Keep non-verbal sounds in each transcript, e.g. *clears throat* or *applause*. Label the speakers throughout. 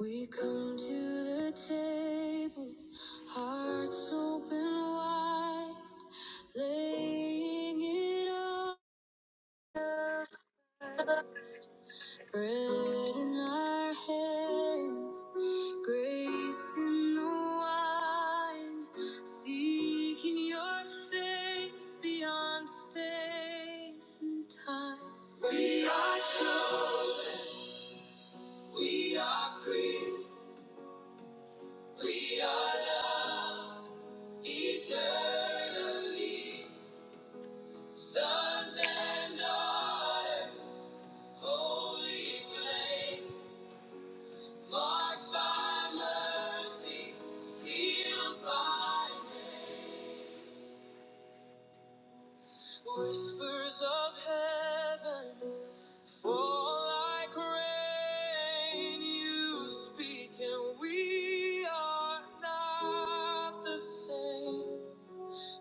Speaker 1: We come to the table, hearts open wide, laying it all. out. Bread in our hands, grace in the wine, seeking your face beyond space and time. We are free, we are loved. Eternally, sons and daughters, holy flame, marked by mercy, sealed by name. whispers of heaven, fall like rain. You speak, and we are not the same.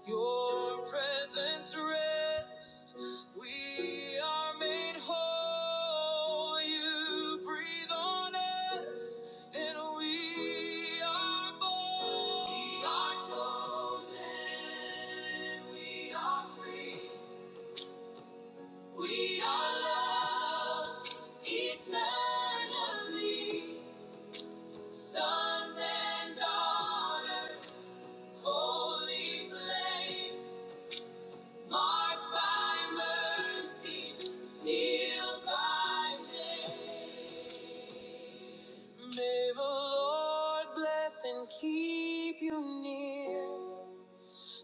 Speaker 1: Your presence rest. We are made whole. You breathe on us, and we are born. We are chosen. We are free. We are loved eternally. Sons and daughters, holy flame. Marked by mercy, sealed by name. May the Lord bless and keep you near.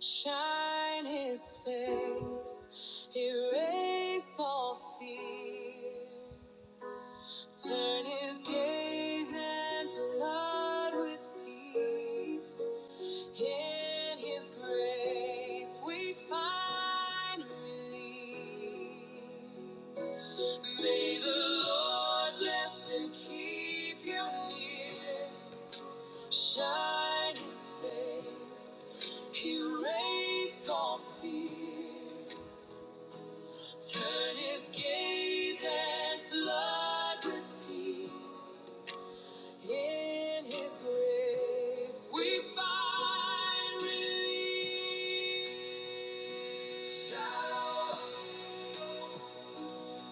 Speaker 1: Shine his face, erase all fear. Turn his gaze and flood with peace. In His grace we find release. May the Lord bless and keep you near. Shine His face, erase all fear. Turn His gaze and flood with peace. In His grace, we find relief. Shalom,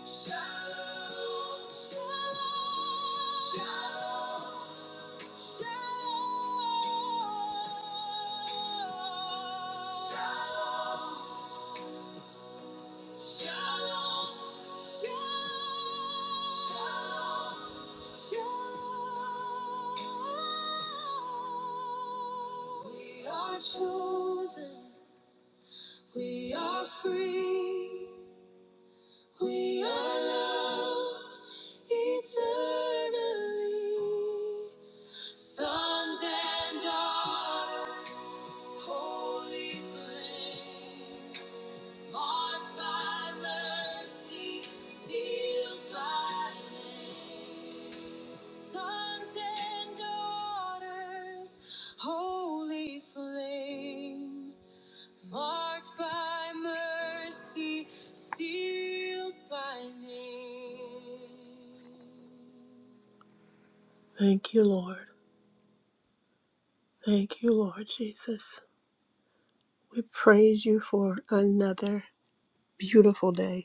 Speaker 1: shalom, shalom, shalom, shalom. Shalom. Shalom, shalom, shalom, shalom. We are chosen, we are free, we are loved eternally. Sons and daughters, holy flame. Marked by mercy, sealed by name. Sons and daughters, holy flame. Marked by mercy, sealed by name. Thank you, Lord. Thank you, Lord Jesus. We praise you for another beautiful day.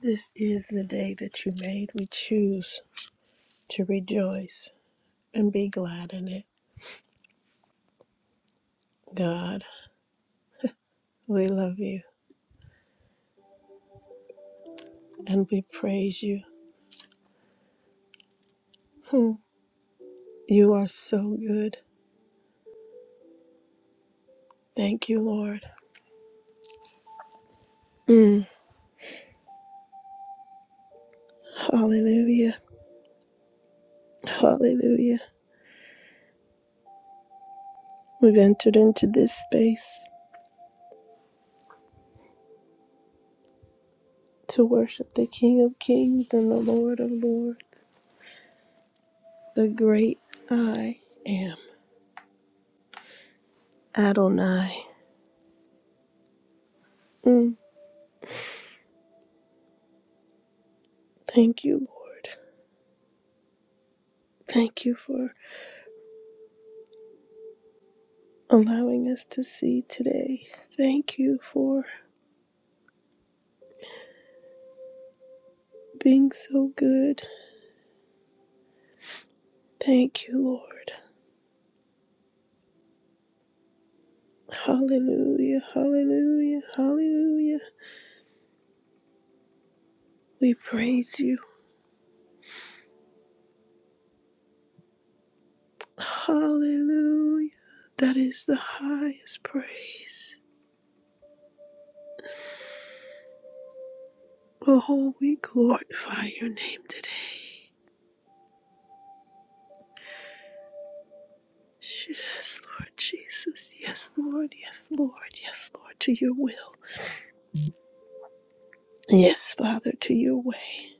Speaker 1: This is the day that you made. We choose to rejoice and be glad in it. God, we love you and we praise you. Hmm. You are so good. Thank you, Lord. Mm. Hallelujah. Hallelujah. We've entered into this space to worship the King of Kings and the Lord of Lords, the great I am, Adonai. Mm. Thank you, Lord. Thank you for allowing us to see today. Thank you for being so good. Thank you, Lord. Hallelujah, hallelujah, hallelujah. We praise you. Hallelujah. That is the highest praise. Oh, we glorify your name today. Yes, Lord Jesus. Yes, Lord. Yes, Lord. Yes, Lord. To your will. Yes, Father, to your way.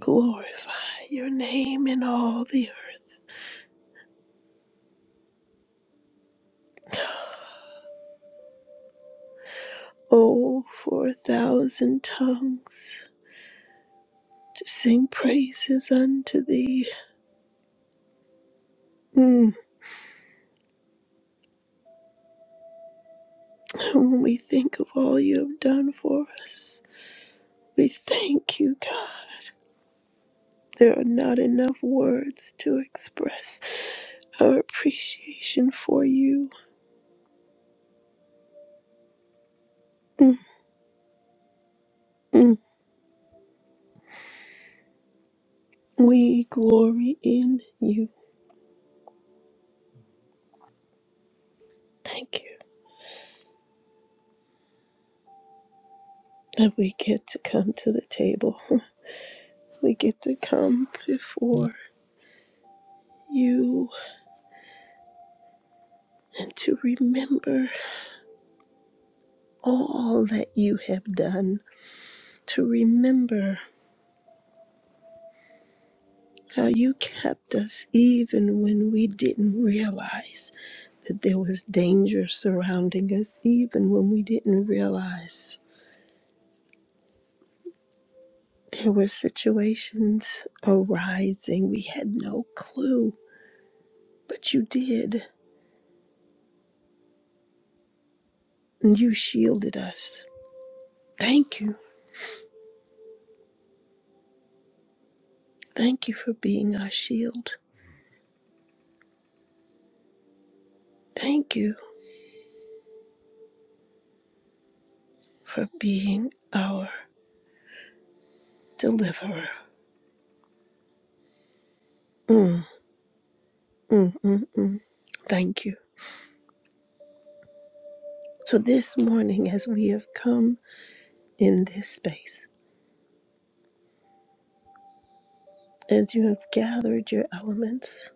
Speaker 1: Glorify your name in all the earth. O for a thousand tongues to sing praises unto thee. Mm. And When we think of all you have done for us, we thank you, God. There are not enough words to express our appreciation for you. Mm, mm. We glory in you. Thank you that we get to come to the table. *laughs* We get to come before you and to remember all that you have done, to remember how you kept us even when we didn't realize that there was danger surrounding us, even when we didn't realize there were situations arising we had no clue, but you did, and you shielded us. Thank you. Thank you for being our shield. Thank you for being our deliverer. Mm, mm, mm, mm. Thank you. So, this morning, as we have come in this space, as you have gathered your elements,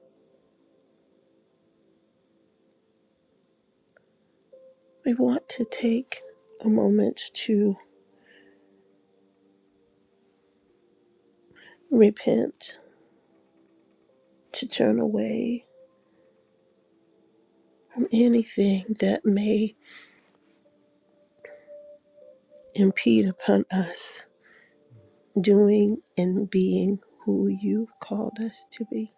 Speaker 1: we want to take a moment to repent, to turn away from anything that may impede upon us doing and being who you called us to be.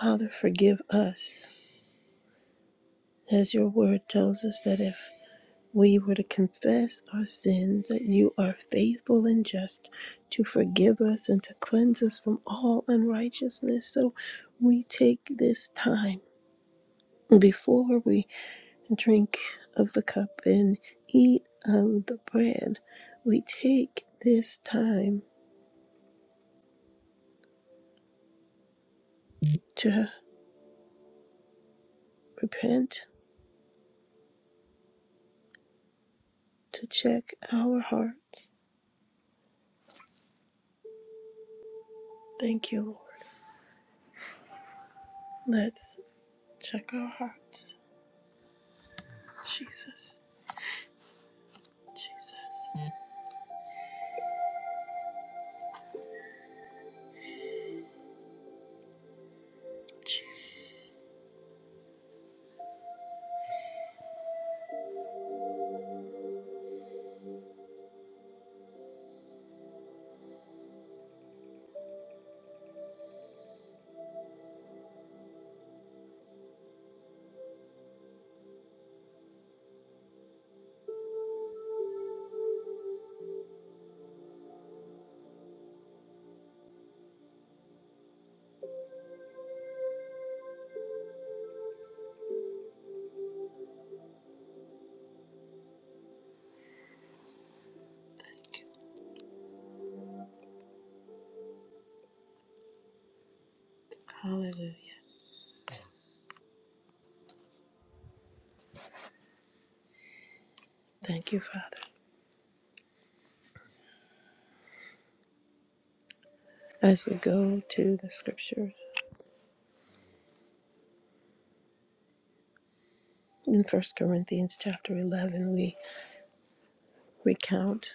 Speaker 1: Father, forgive us, as your word tells us that if we were to confess our sins, that you are faithful and just to forgive us and to cleanse us from all unrighteousness. So we take this time before we drink of the cup and eat of the bread. We take this time to repent, to check our hearts. Thank you, Lord. Let's check our hearts. Jesus, Jesus, Jesus. Hallelujah. Thank you, Father. As we go to the scripture in First Corinthians chapter 11, we recount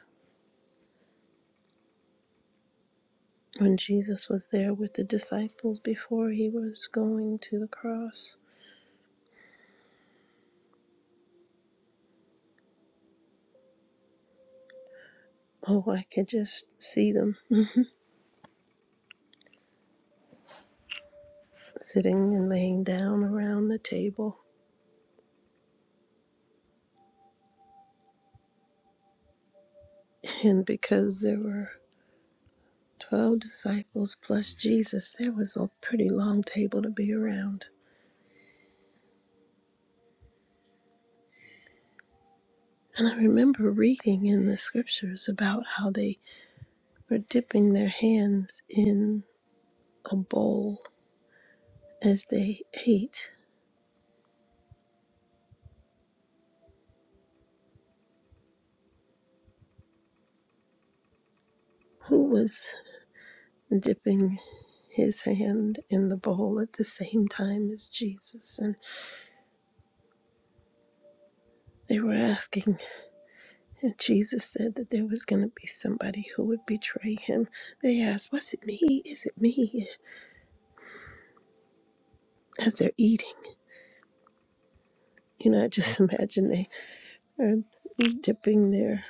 Speaker 1: when Jesus was there with the disciples before he was going to the cross. Oh, I could just see them sitting and laying down around the table. And because there were 12 disciples plus Jesus, there was a pretty long table to be around. And I remember reading in the scriptures about how they were dipping their hands in a bowl as they ate. Who was dipping his hand in the bowl at the same time as Jesus? And they were asking, and Jesus said that there was going to be somebody who would betray him. They asked, Was it me? Is it me? As they're eating. You know, I just imagine they are dipping their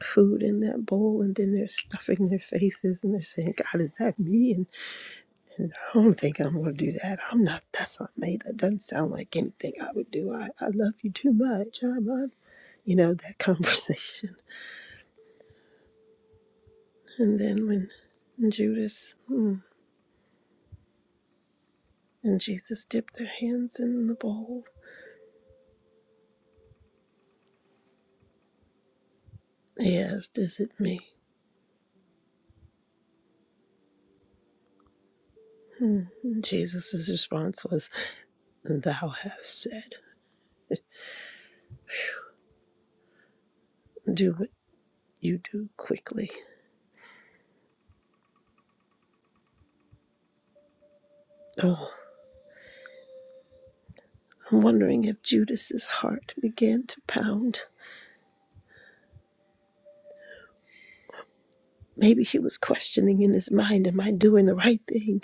Speaker 1: food in that bowl and then they're stuffing their faces and they're saying, God, is that me? And I don't think I'm gonna do that. I'm not. That's not me. That doesn't sound like anything I would do. I, I love you too much. I'm, I'm, you know, that *laughs* conversation. And then when Judas hmm, and Jesus dipped their hands in the bowl, he asked, "Is it me?" Hmm. Jesus' response was, "Thou hast said, do what you do quickly." Oh, I'm wondering if Judas's heart began to pound. Maybe he was questioning in his mind, "Am I doing the right thing?"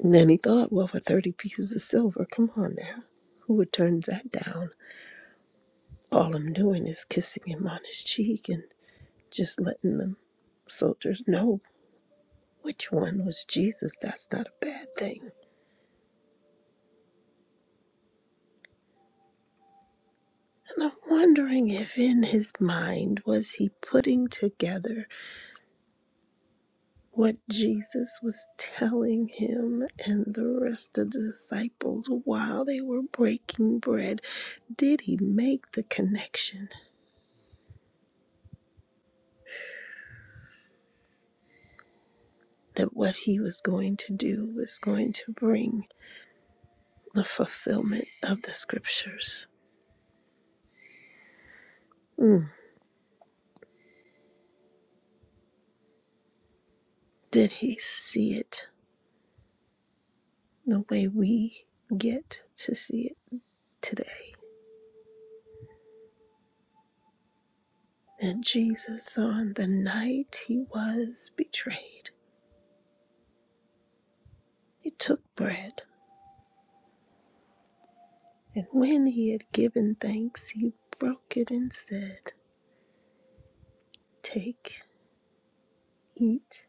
Speaker 1: And then he thought, well, for 30 pieces of silver, come on now. Who would turn that down? All I'm doing is kissing him on his cheek and just letting them soldiers know which one was Jesus. That's not a bad thing. And I'm wondering if in his mind was he putting together what Jesus was telling him and the rest of the disciples while they were breaking bread. Did he make the connection? that what he was going to do was going to bring the fulfillment of the scriptures. Mm. Did he see it the way we get to see it today? And Jesus, on the night he was betrayed, he took bread, and when he had given thanks, he broke it and said, Take, eat.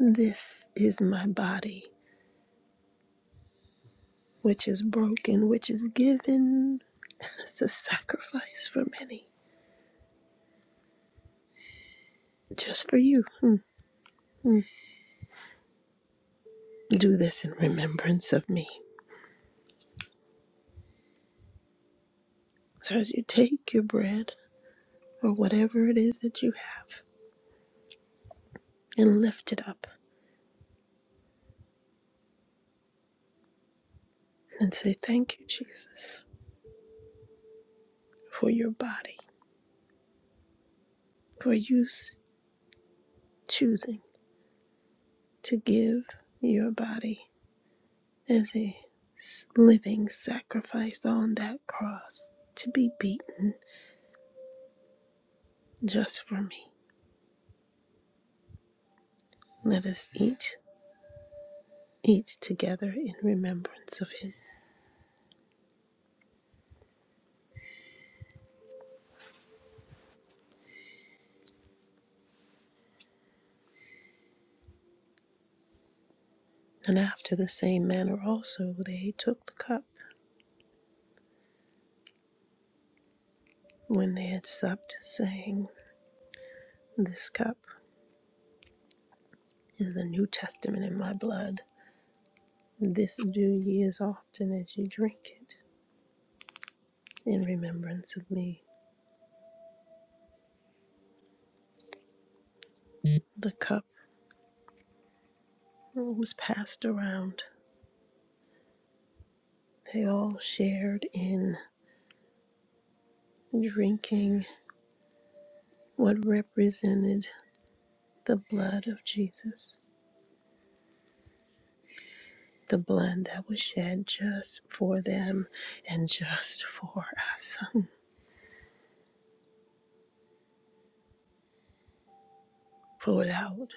Speaker 1: This is my body, which is broken, which is given as a sacrifice for many. just for you. Hmm, hmm. Do this in remembrance of me. So as you take your bread or whatever it is that you have and lift it up and say, Thank you, Jesus, for your body, for you s- choosing to give your body as a s- living sacrifice on that cross to be beaten just for me. Let us eat, eat together in remembrance of him. And after the same manner also they took the cup when they had supped, saying, This cup is the New Testament in my blood. This do ye as often as ye drink it in remembrance of me. The cup was passed around. They all shared in drinking what represented the blood of Jesus, the blood that was shed just for them and just for us, *laughs* poured out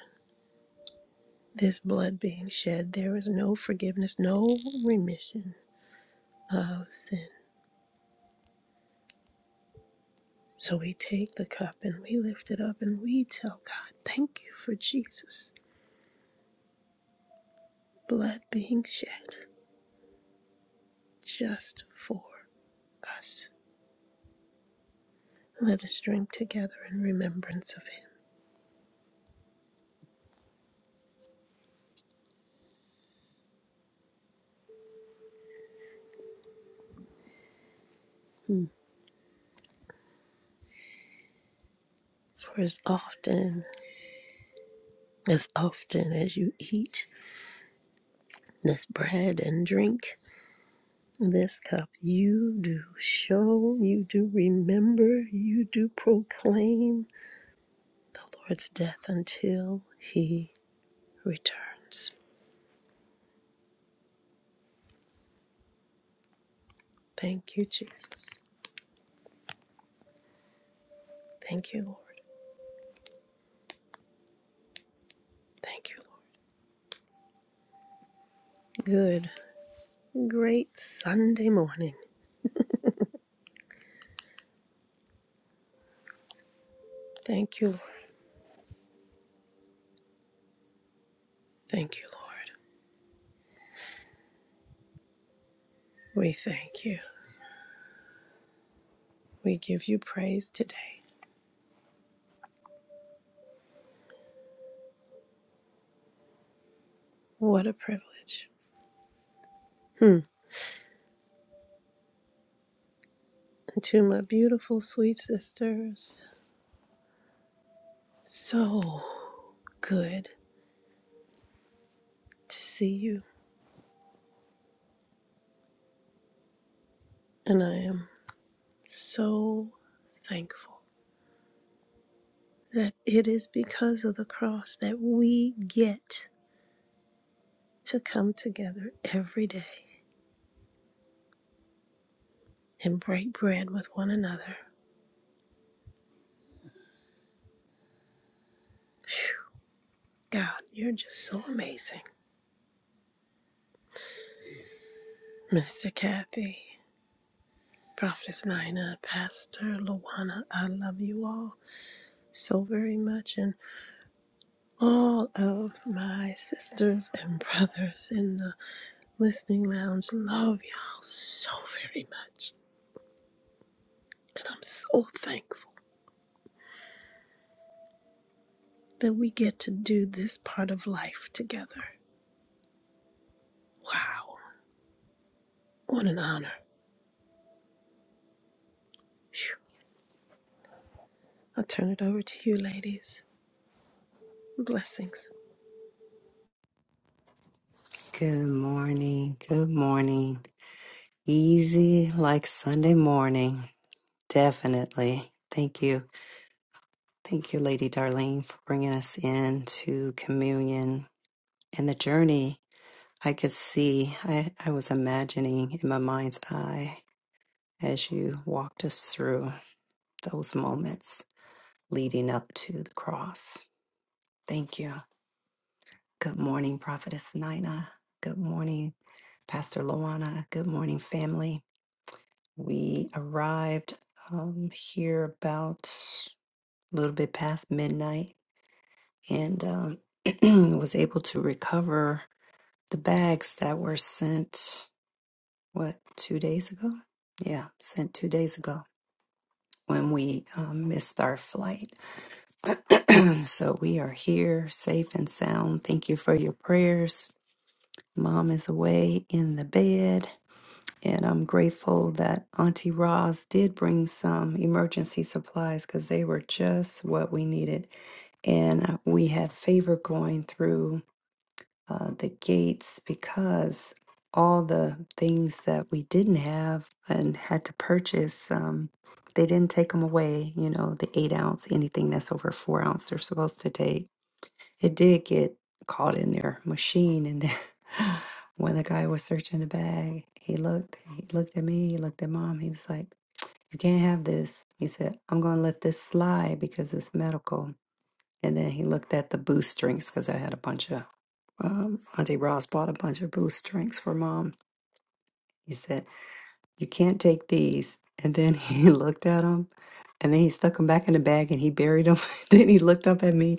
Speaker 1: this blood being shed, there is no forgiveness, no remission of sin. So we take the cup and we lift it up and we tell God, thank you for Jesus' blood being shed just for us. Let us drink together in remembrance of him. For as often, as often as you eat this bread and drink this cup, you do show, you do remember, you do proclaim the Lord's death until he returns. Thank you, Jesus. Thank you, Lord. Thank you, Lord. Good, great Sunday morning. Thank you, Lord. Thank you, Lord. We thank you. We give you praise today. What a privilege. Hmm. And to my beautiful, sweet sisters, so good to see you. And I am so thankful that it is because of the cross that we get to come together every day and break bread with one another. Phew, God, you're just so amazing. Minister Kathy, Prophetess Nina, Pastor Luana, I love you all so very much, and all of my sisters and brothers in the listening lounge love y'all so very much. And I'm so thankful. that we get to do this part of life together. Wow. What an honor. Phew. I'll turn it over to you, ladies. Blessings.
Speaker 2: Good morning. Good morning. Easy like Sunday morning. Definitely. Thank you. Thank you, Lady Darlene, for bringing us in to communion and the journey. I could see, I, I was imagining in my mind's eye as you walked us through those moments leading up to the cross. Thank you. Good morning, Prophetess Nina. Good morning, Pastor Luana. Good morning, family. We arrived um, here about a little bit past midnight and um, *clears throat* was able to recover the bags that were sent, what, two days ago? Yeah, sent two days ago when we um, missed our flight. *clears throat* so we are here safe and sound. Thank you for your prayers. Mom is away in the bed And I'm grateful that Auntie Roz did bring some emergency supplies because they were just what we needed. And uh, we had favor going through uh, the gates because all the things that we didn't have and had to purchase, um, they didn't take them away. You know, the eight ounce, anything that's over four ounce, they're supposed to take. It did get caught in their machine, and then *laughs* when the guy was searching the bag, he looked. He looked at me. He looked at mom. He was like, "You can't have this." He said, "I'm going to let this slide because it's medical." And then he looked at the boost drinks because I had a bunch of um, Auntie Ross bought a bunch of boost drinks for mom. He said. You can't take these. And then *laughs* he looked at them and then he stuck them back in the bag and he buried them. *laughs* then he looked up at me.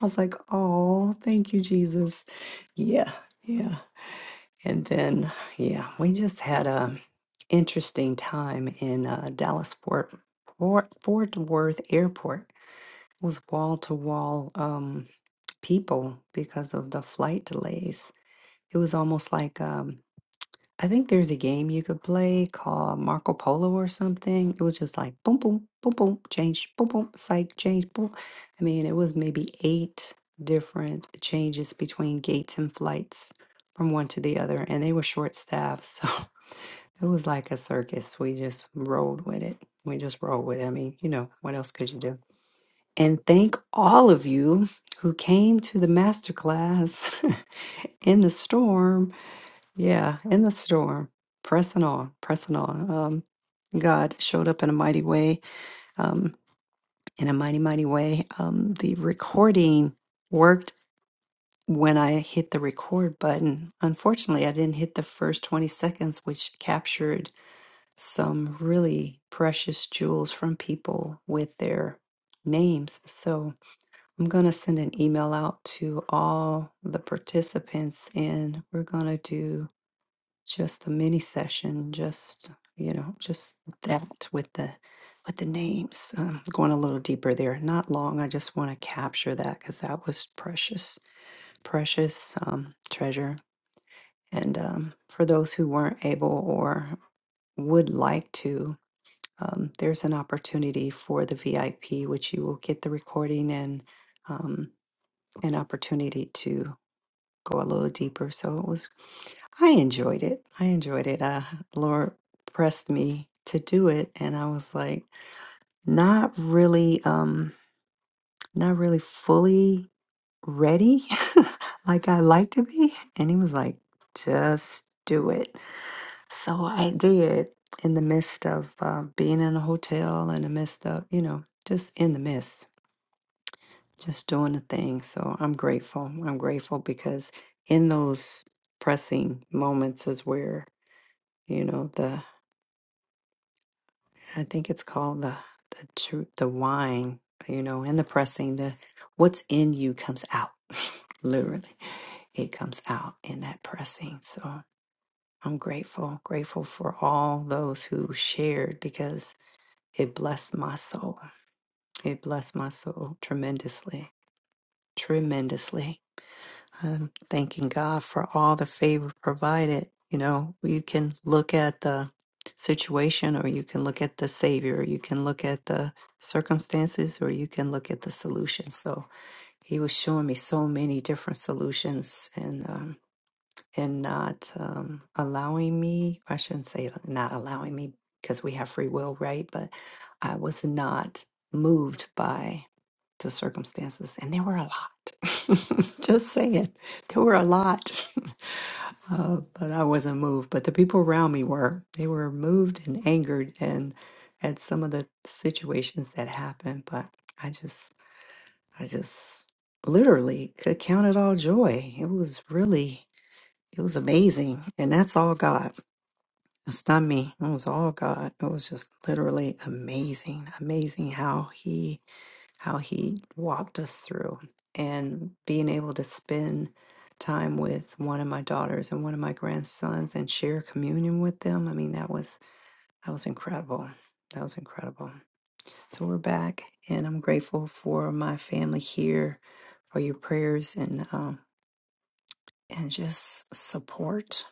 Speaker 2: I was like, oh, thank you, Jesus. Yeah, yeah. And then, yeah, we just had a interesting time in uh, Dallas Fort, Fort Fort Worth Airport. It was wall to wall um people because of the flight delays. It was almost like um, I think there's a game you could play called Marco Polo or something. It was just like boom, boom, boom, boom, change, boom, boom, psych, change, boom. I mean, it was maybe eight different changes between gates and flights from one to the other, and they were short staffed. So *laughs* it was like a circus. We just rolled with it. We just rolled with it. I mean, you know, what else could you do? And thank all of you who came to the masterclass *laughs* in the storm yeah, in the storm, pressing on, pressing on. Um, God showed up in a mighty way, um, in a mighty, mighty way. Um, the recording worked when I hit the record button. Unfortunately, I didn't hit the first 20 seconds, which captured some really precious jewels from people with their names. So I'm going to send an email out to all the participants, and we're going to do just a mini session, just you know, just that with the with the names. Um, going a little deeper there, not long. I just want to capture that because that was precious, precious um, treasure. And um, for those who weren't able or would like to, um, there's an opportunity for the VIP, which you will get the recording and um, an opportunity to go a little deeper. So it was I enjoyed it. I enjoyed it. Uh, Laura pressed me to do it, and I was like, not really, um, not really fully ready, *laughs* like I like to be. And he was like, just do it. So I did. In the midst of uh, being in a hotel, in the midst of you know, just in the midst, just doing the thing. So I'm grateful. I'm grateful because in those pressing moments is where you know the I think it's called the the tru- the wine, you know, and the pressing. The what's in you comes out, *laughs* literally, it comes out in that pressing. So I'm grateful, grateful for all those who shared because it blessed my soul. It blessed my soul tremendously, tremendously. I'm thanking God for all the favor provided. You know, you can look at the situation, or you can look at the Savior, you can look at the circumstances, or you can look at the solution. So He was showing me so many different solutions, and um, and not um, allowing me, I shouldn't say not allowing me because we have free will, right? But I was not moved by the circumstances, and there were a lot. *laughs* Just saying, there were a lot, *laughs* uh, but I wasn't moved. But the people around me were. They were moved and angered, and at some of the situations that happened. But I just, I just literally could count it all joy. It was really it was amazing. And that's all God. It's not me. It was all God. It was just literally amazing. Amazing how he how he walked us through and being able to spend time with one of my daughters and one of my grandsons and share communion with them. I mean, that was that was incredible. That was incredible. So we're back and I'm grateful for my family here, for your prayers and um and just support,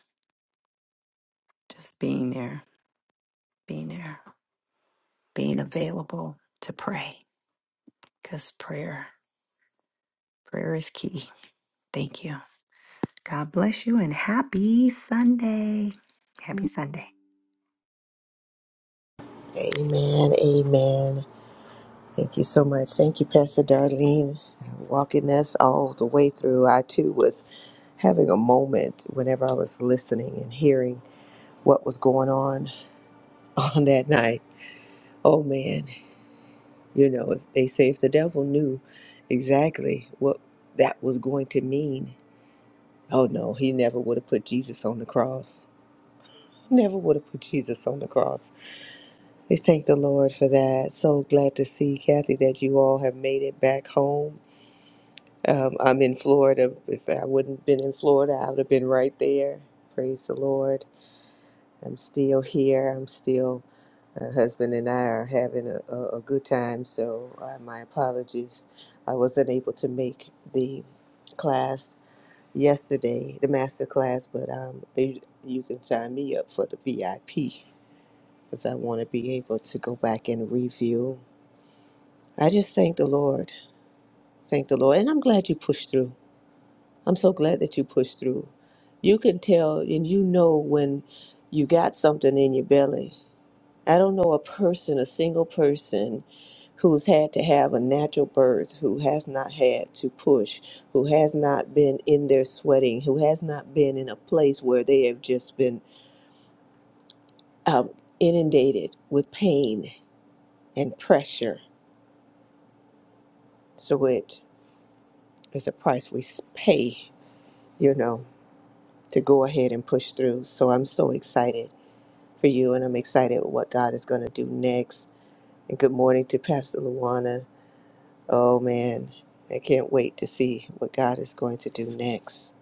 Speaker 2: just being there being there, being available to pray, because prayer, prayer is key. Thank you. God bless you and happy Sunday. Happy Sunday.
Speaker 3: Amen. Amen. Thank you so much. Thank you, Pastor Darlene, walking us all the way through. I too was having a moment whenever I was listening and hearing what was going on *laughs* on that night. Oh man, you know, if they say if the devil knew exactly what that was going to mean, oh no, he never would have put Jesus on the cross. Never would have put Jesus on the cross. We thank the Lord for that. So glad to see, Kathy, that you all have made it back home Um, I'm in Florida. If I wouldn't have been in Florida, I would have been right there. Praise the Lord. I'm still here. I'm still, my husband and I are having a, a, a good time. So uh, my apologies. I wasn't able to make the class yesterday, the master class, but um, you, you can sign me up for the VIP because I want to be able to go back and review. I just thank the Lord. Thank the Lord. And I'm glad you pushed through. I'm so glad that you pushed through. You can tell and you know when you got something in your belly. I don't know a person, a single person who's had to have a natural birth, who has not had to push, who has not been in there sweating, who has not been in a place where they have just been um, inundated with pain and pressure. So it is a price we s- pay, you know, to go ahead and push through. So I'm so excited for you, and I'm excited what God is going to do next. And good morning to Pastor Luana. Oh man, I can't wait to see what God is going to do next.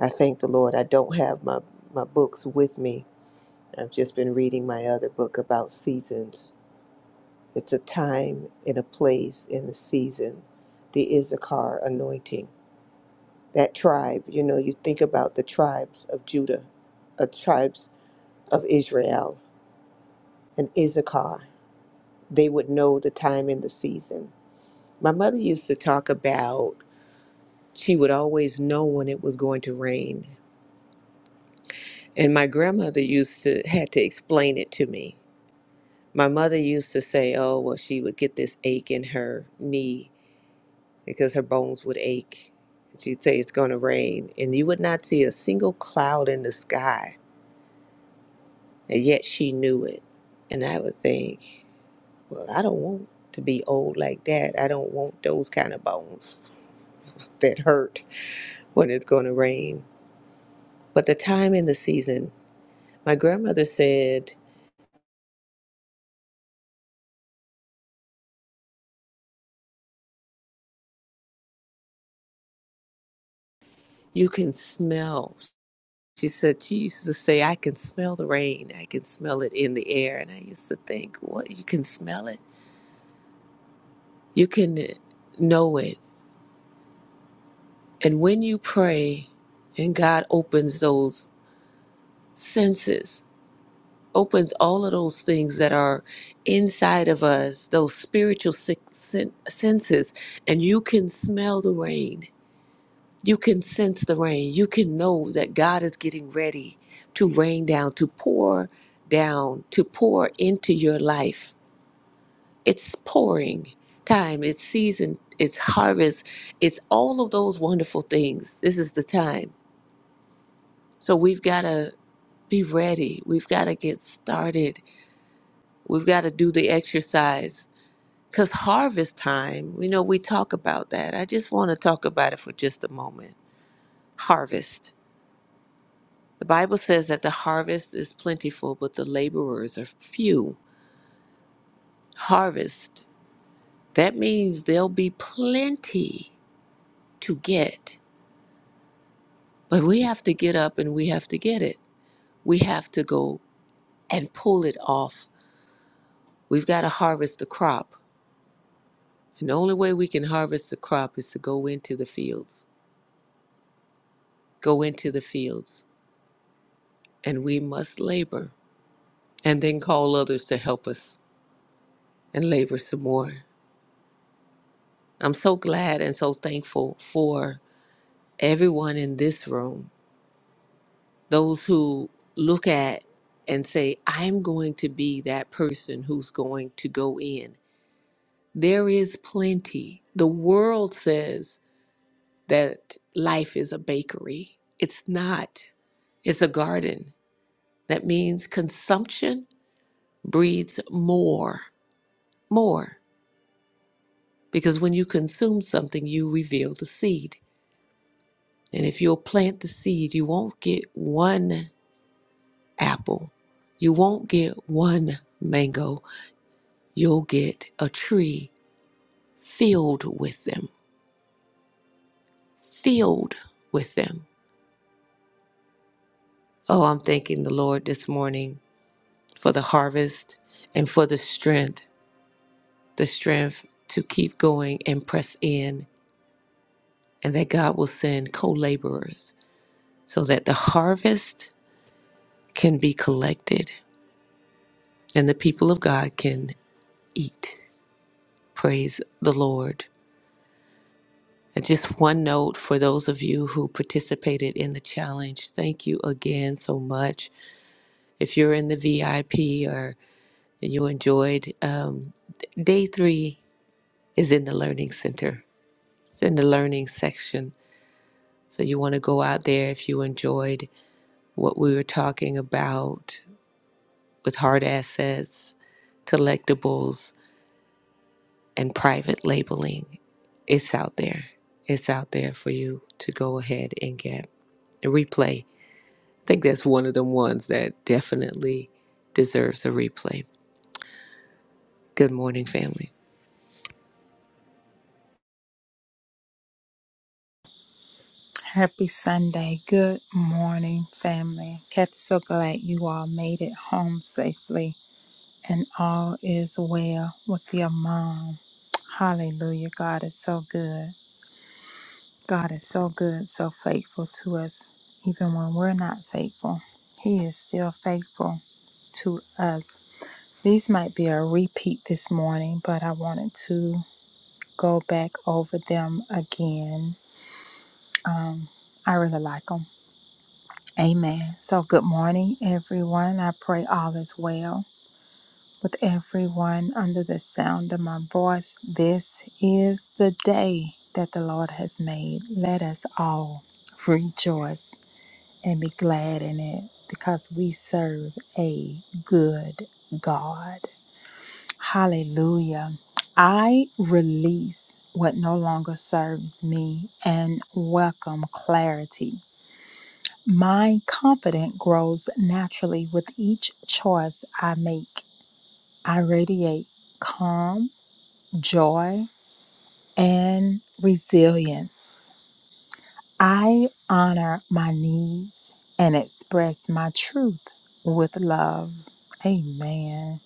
Speaker 3: I thank the Lord. I don't have my, my books with me. I've just been reading my other book about seasons. It's a time and a place in the season, the Issachar anointing. That tribe, you know, you think about the tribes of Judah, the tribes of Israel, and Issachar. they would know the time and the season. My mother used to talk about she would always know when it was going to rain. And my grandmother used to had to explain it to me. My mother used to say, "Oh, well she would get this ache in her knee because her bones would ache." She'd say it's going to rain, and you would not see a single cloud in the sky, and yet she knew it. And I would think, "Well, I don't want to be old like that. I don't want those kind of bones that hurt." when it's going to rain. But the time and the season, my grandmother said, You can smell. She said, She used to say, I can smell the rain. I can smell it in the air. And I used to think, What? You can smell it? You can know it. And when you pray and God opens those senses, opens all of those things that are inside of us, those spiritual sen- sen- senses, and you can smell the rain You can sense the rain. You can know that God is getting ready to rain down, to pour down, to pour into your life. It's pouring time, it's season, it's harvest, it's all of those wonderful things. This is the time. So we've got to be ready. We've got to get started. We've got to do the exercise. Because harvest time, you know, we talk about that. I just want to talk about it for just a moment. Harvest. The Bible says that the harvest is plentiful, but the laborers are few. Harvest, that means there'll be plenty to get, but we have to get up and we have to get it. We have to go and pull it off. We've got to harvest the crop. And the only way we can harvest the crop is to go into the fields, go into the fields, and we must labor and then call others to help us and labor some more. I'm so glad and so thankful for. everyone in this room, those who look at and say, I'm going to be that person who's going to go in. There is plenty. The world says that life is a bakery, it's not, it's a garden. That means consumption breeds more, more. Because when you consume something, you reveal the seed. And if you'll plant the seed, you won't get one apple. You won't get one mango, you'll get a tree filled with them. Filled with them. Oh, I'm thanking the Lord this morning for the harvest and for the strength, the strength to keep going and press in, and that God will send co laborers so that the harvest can be collected and the people of God can eat. Praise the Lord. And just one note for those of you who participated in the challenge, thank you again so much. If you're in the VIP or you enjoyed, um, d- day three is in the Learning Center, it's in the Learning section. So you want to go out there if you enjoyed what we were talking about with hard assets, collectibles, and private labeling. It's out there. It's out there for you to go ahead and get replay. I think that's one of them ones that definitely deserves a replay. Good morning, family.
Speaker 4: Happy Sunday. Good morning, family. Kathy, so glad you all made it home safely and all is well with your mom. Hallelujah. God is so good. God is so good, so faithful to us. Even when we're not faithful, He is still faithful to us. These might be a repeat this morning, but I wanted to go back over them again. I really like them. Amen. So, good morning, everyone. I pray all is well with everyone under the sound of my voice. This is the day that the Lord has made. Let us all rejoice and be glad in it because we serve a good God. Hallelujah. I release what no longer serves me and welcome clarity my confidence grows naturally with each choice I make. I radiate calm, joy, and resilience. I honor my needs and express my truth with love. Amen.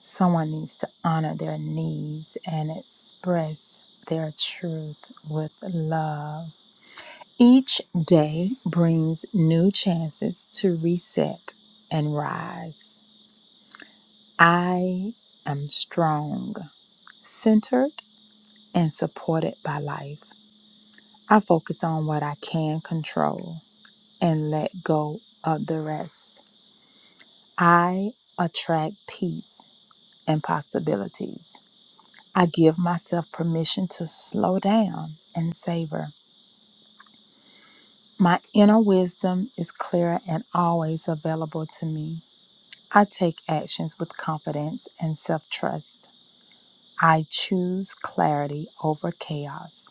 Speaker 4: Someone needs to honor their needs and express their truth with love. Each day brings new chances to reset and rise. I am strong, centered, and supported by life. I focus on what I can control and let go of the rest. I attract peace and possibilities. I give myself permission to slow down and savor. My inner wisdom is clear and always available to me. I take actions with confidence and self trust. I choose clarity over chaos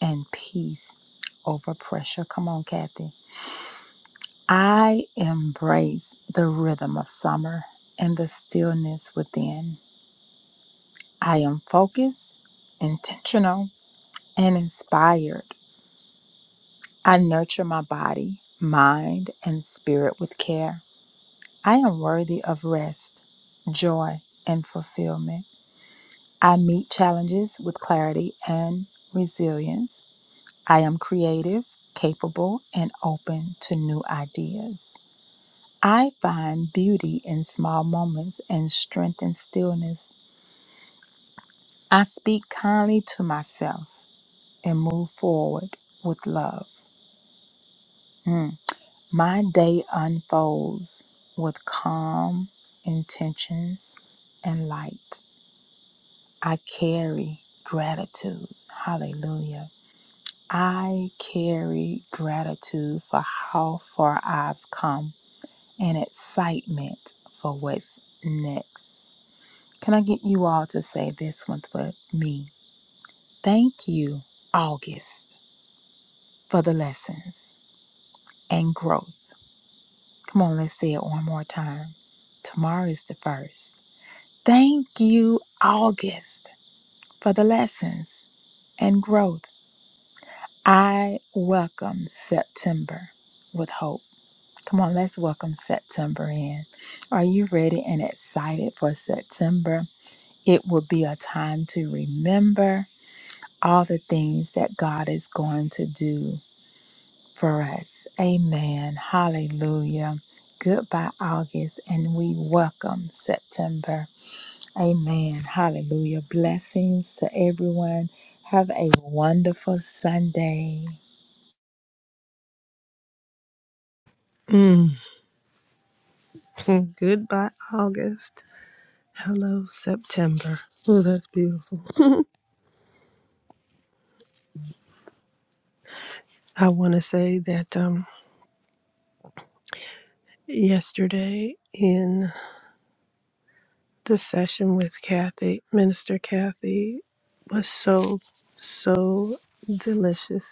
Speaker 4: and peace over pressure. Come on, Kathy. I embrace the rhythm of summer and the stillness within. I am focused, intentional, and inspired. I nurture my body, mind, and spirit with care. I am worthy of rest, joy, and fulfillment. I meet challenges with clarity and resilience. I am creative, capable, and open to new ideas. I find beauty in small moments and strength in stillness. I speak kindly to myself and move forward with love. Mm. My day unfolds with calm intentions and light. I carry gratitude. Hallelujah. I carry gratitude for how far I've come and excitement for what's next. Can I get you all to say this one for me? Thank you, August, for the lessons and growth. Come on, let's say it one more time. Tomorrow is the first. Thank you, August, for the lessons and growth. I welcome September with hope. Come on, let's welcome September in. Are you ready and excited for September? It will be a time to remember all the things that God is going to do for us. Amen. Hallelujah. Goodbye, August, and we welcome September. Amen. Hallelujah. Blessings to everyone. Have a wonderful Sunday.
Speaker 1: Mm. *laughs* Goodbye, August. Hello, September. Oh, that's beautiful. I want to say that um, yesterday in the session with Kathy, Minister Kathy, was so, so delicious,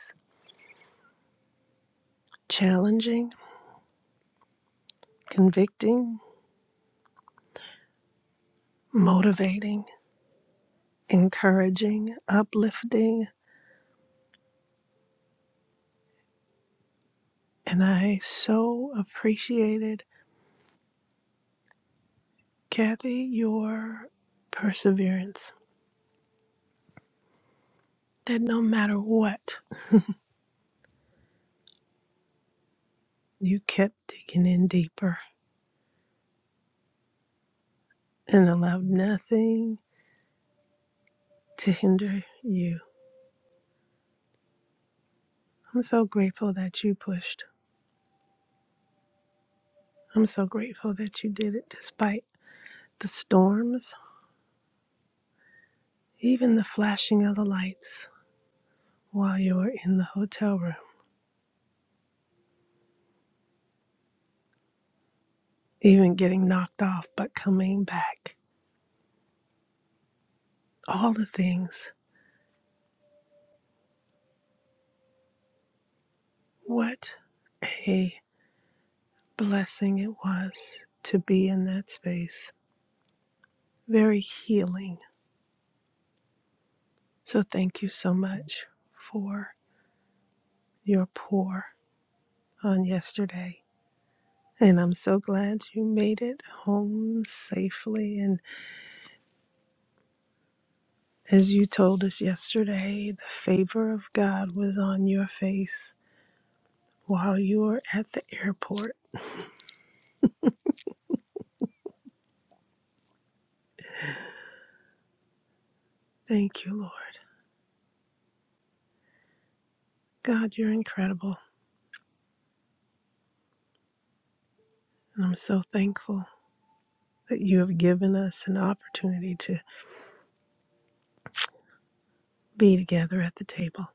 Speaker 1: challenging, convicting, motivating. encouraging, uplifting, and I so appreciated, Kathy, your perseverance. That no matter what, you kept digging in deeper and allowed nothing to hinder you. I'm so grateful that you pushed. I'm so grateful that you did it despite the storms, even the flashing of the lights while you were in the hotel room, even getting knocked off but coming back. All the things What a blessing it was to be in that space. Very healing. So thank you so much for your pour on yesterday. And I'm so glad you made it home safely. And as you told us yesterday, the favor of God was on your face while you were at the airport. Thank you, Lord. God, you're incredible. And I'm so thankful that you have given us an opportunity to be together at the table.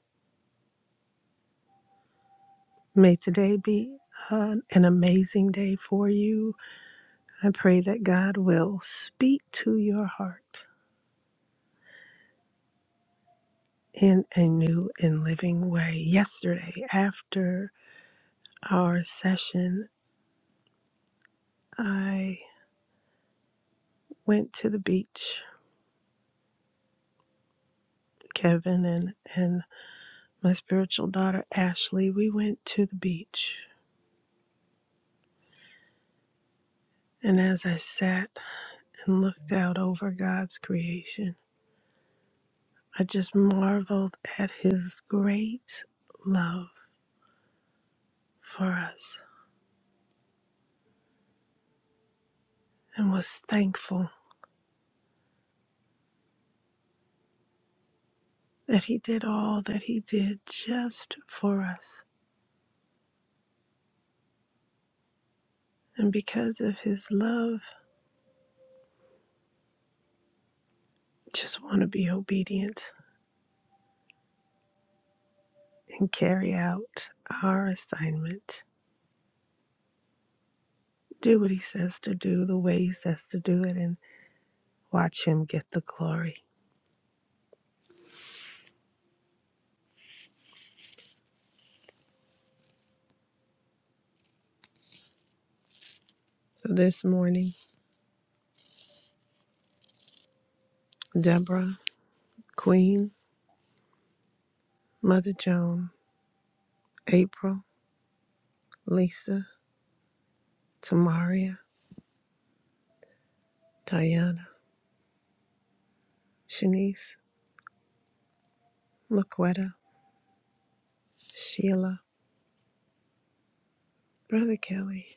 Speaker 1: May today be uh, an amazing day for you. I pray that God will speak to your heart in a new and living way. Yesterday, after our session, I went to the beach. Kevin and, and my spiritual daughter Ashley, we went to the beach. And as I sat and looked out over God's creation, I just marveled at his great love for us and was thankful that he did all that he did just for us. And because of his love, just want to be obedient and carry out our assignment. Do what he says to do, the way he says to do it, and watch him get the glory. So this morning, Deborah, Queen, Mother Joan, April, Lisa, Tamaria, Diana, Shanice, Laquetta, Sheila, Brother Kelly.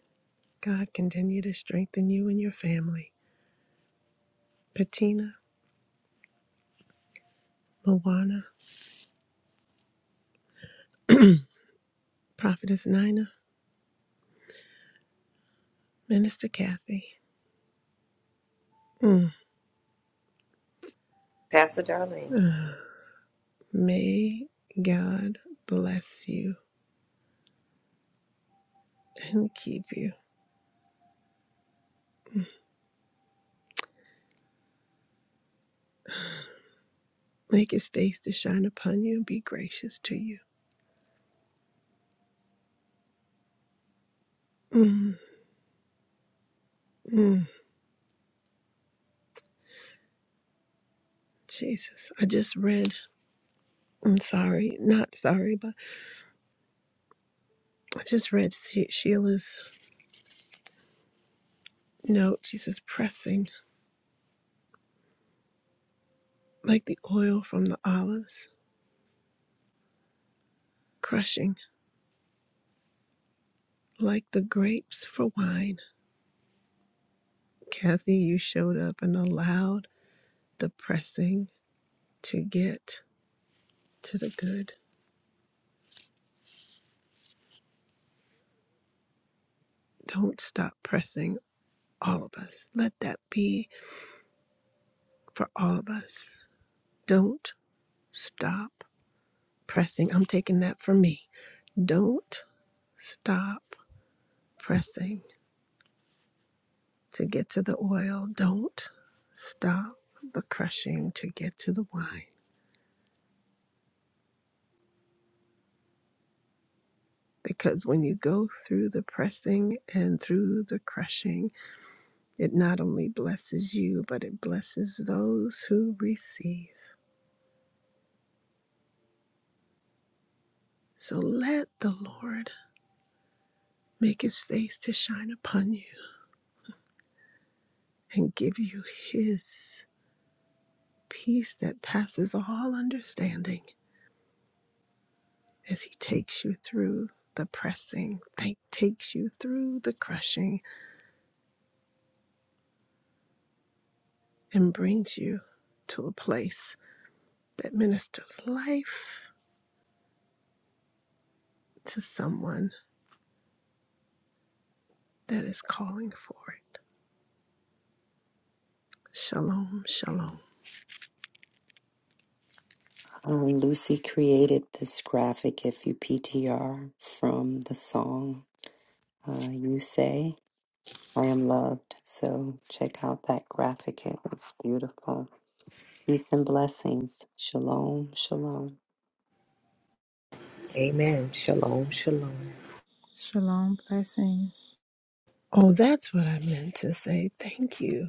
Speaker 1: God continue to strengthen you and your family. Patina, Luana, *clears throat* Prophetess Nina, Minister Kathy. Mm.
Speaker 3: Pastor Darlene.
Speaker 1: *sighs* Uh, May God bless you and keep you. Mm. Make his face to shine upon you and be gracious to you. Mm, mm, Jesus, I just read. I'm sorry, not sorry, but I just read She- Sheila's note. She says, pressing. like the oil from the olives, crushing like the grapes for wine. Kathy, you showed up and allowed the pressing to get to the good. Don't stop pressing, all of us. Let that be for all of us. Don't stop pressing. I'm taking that for me. Don't stop pressing to get to the oil. Don't stop the crushing to get to the wine. Because when you go through the pressing and through the crushing, it not only blesses you, but it blesses those who receive. So let the Lord make his face to shine upon you and give you his peace that passes all understanding as he takes you through the pressing, that takes you through the crushing, and brings you to a place that ministers life to someone that is calling for it. Shalom, shalom.
Speaker 2: Um, Lucy created this graphic, if you PTR, from the song uh, You Say, I Am Loved. So check out that graphic. It was beautiful. Peace and blessings. Shalom, shalom.
Speaker 3: Amen. Shalom, shalom.
Speaker 4: Shalom. Blessings.
Speaker 1: Oh, that's what I meant to say. Thank you,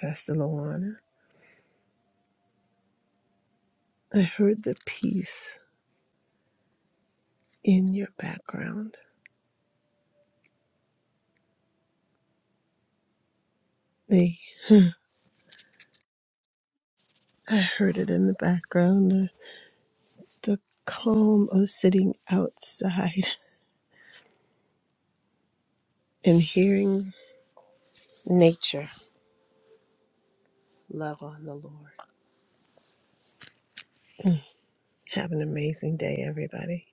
Speaker 1: Pastor Luana. I heard the peace in your background. The I heard it in the background. The, the calm of sitting outside *laughs* and hearing nature. Love on the Lord. Have an amazing day, everybody.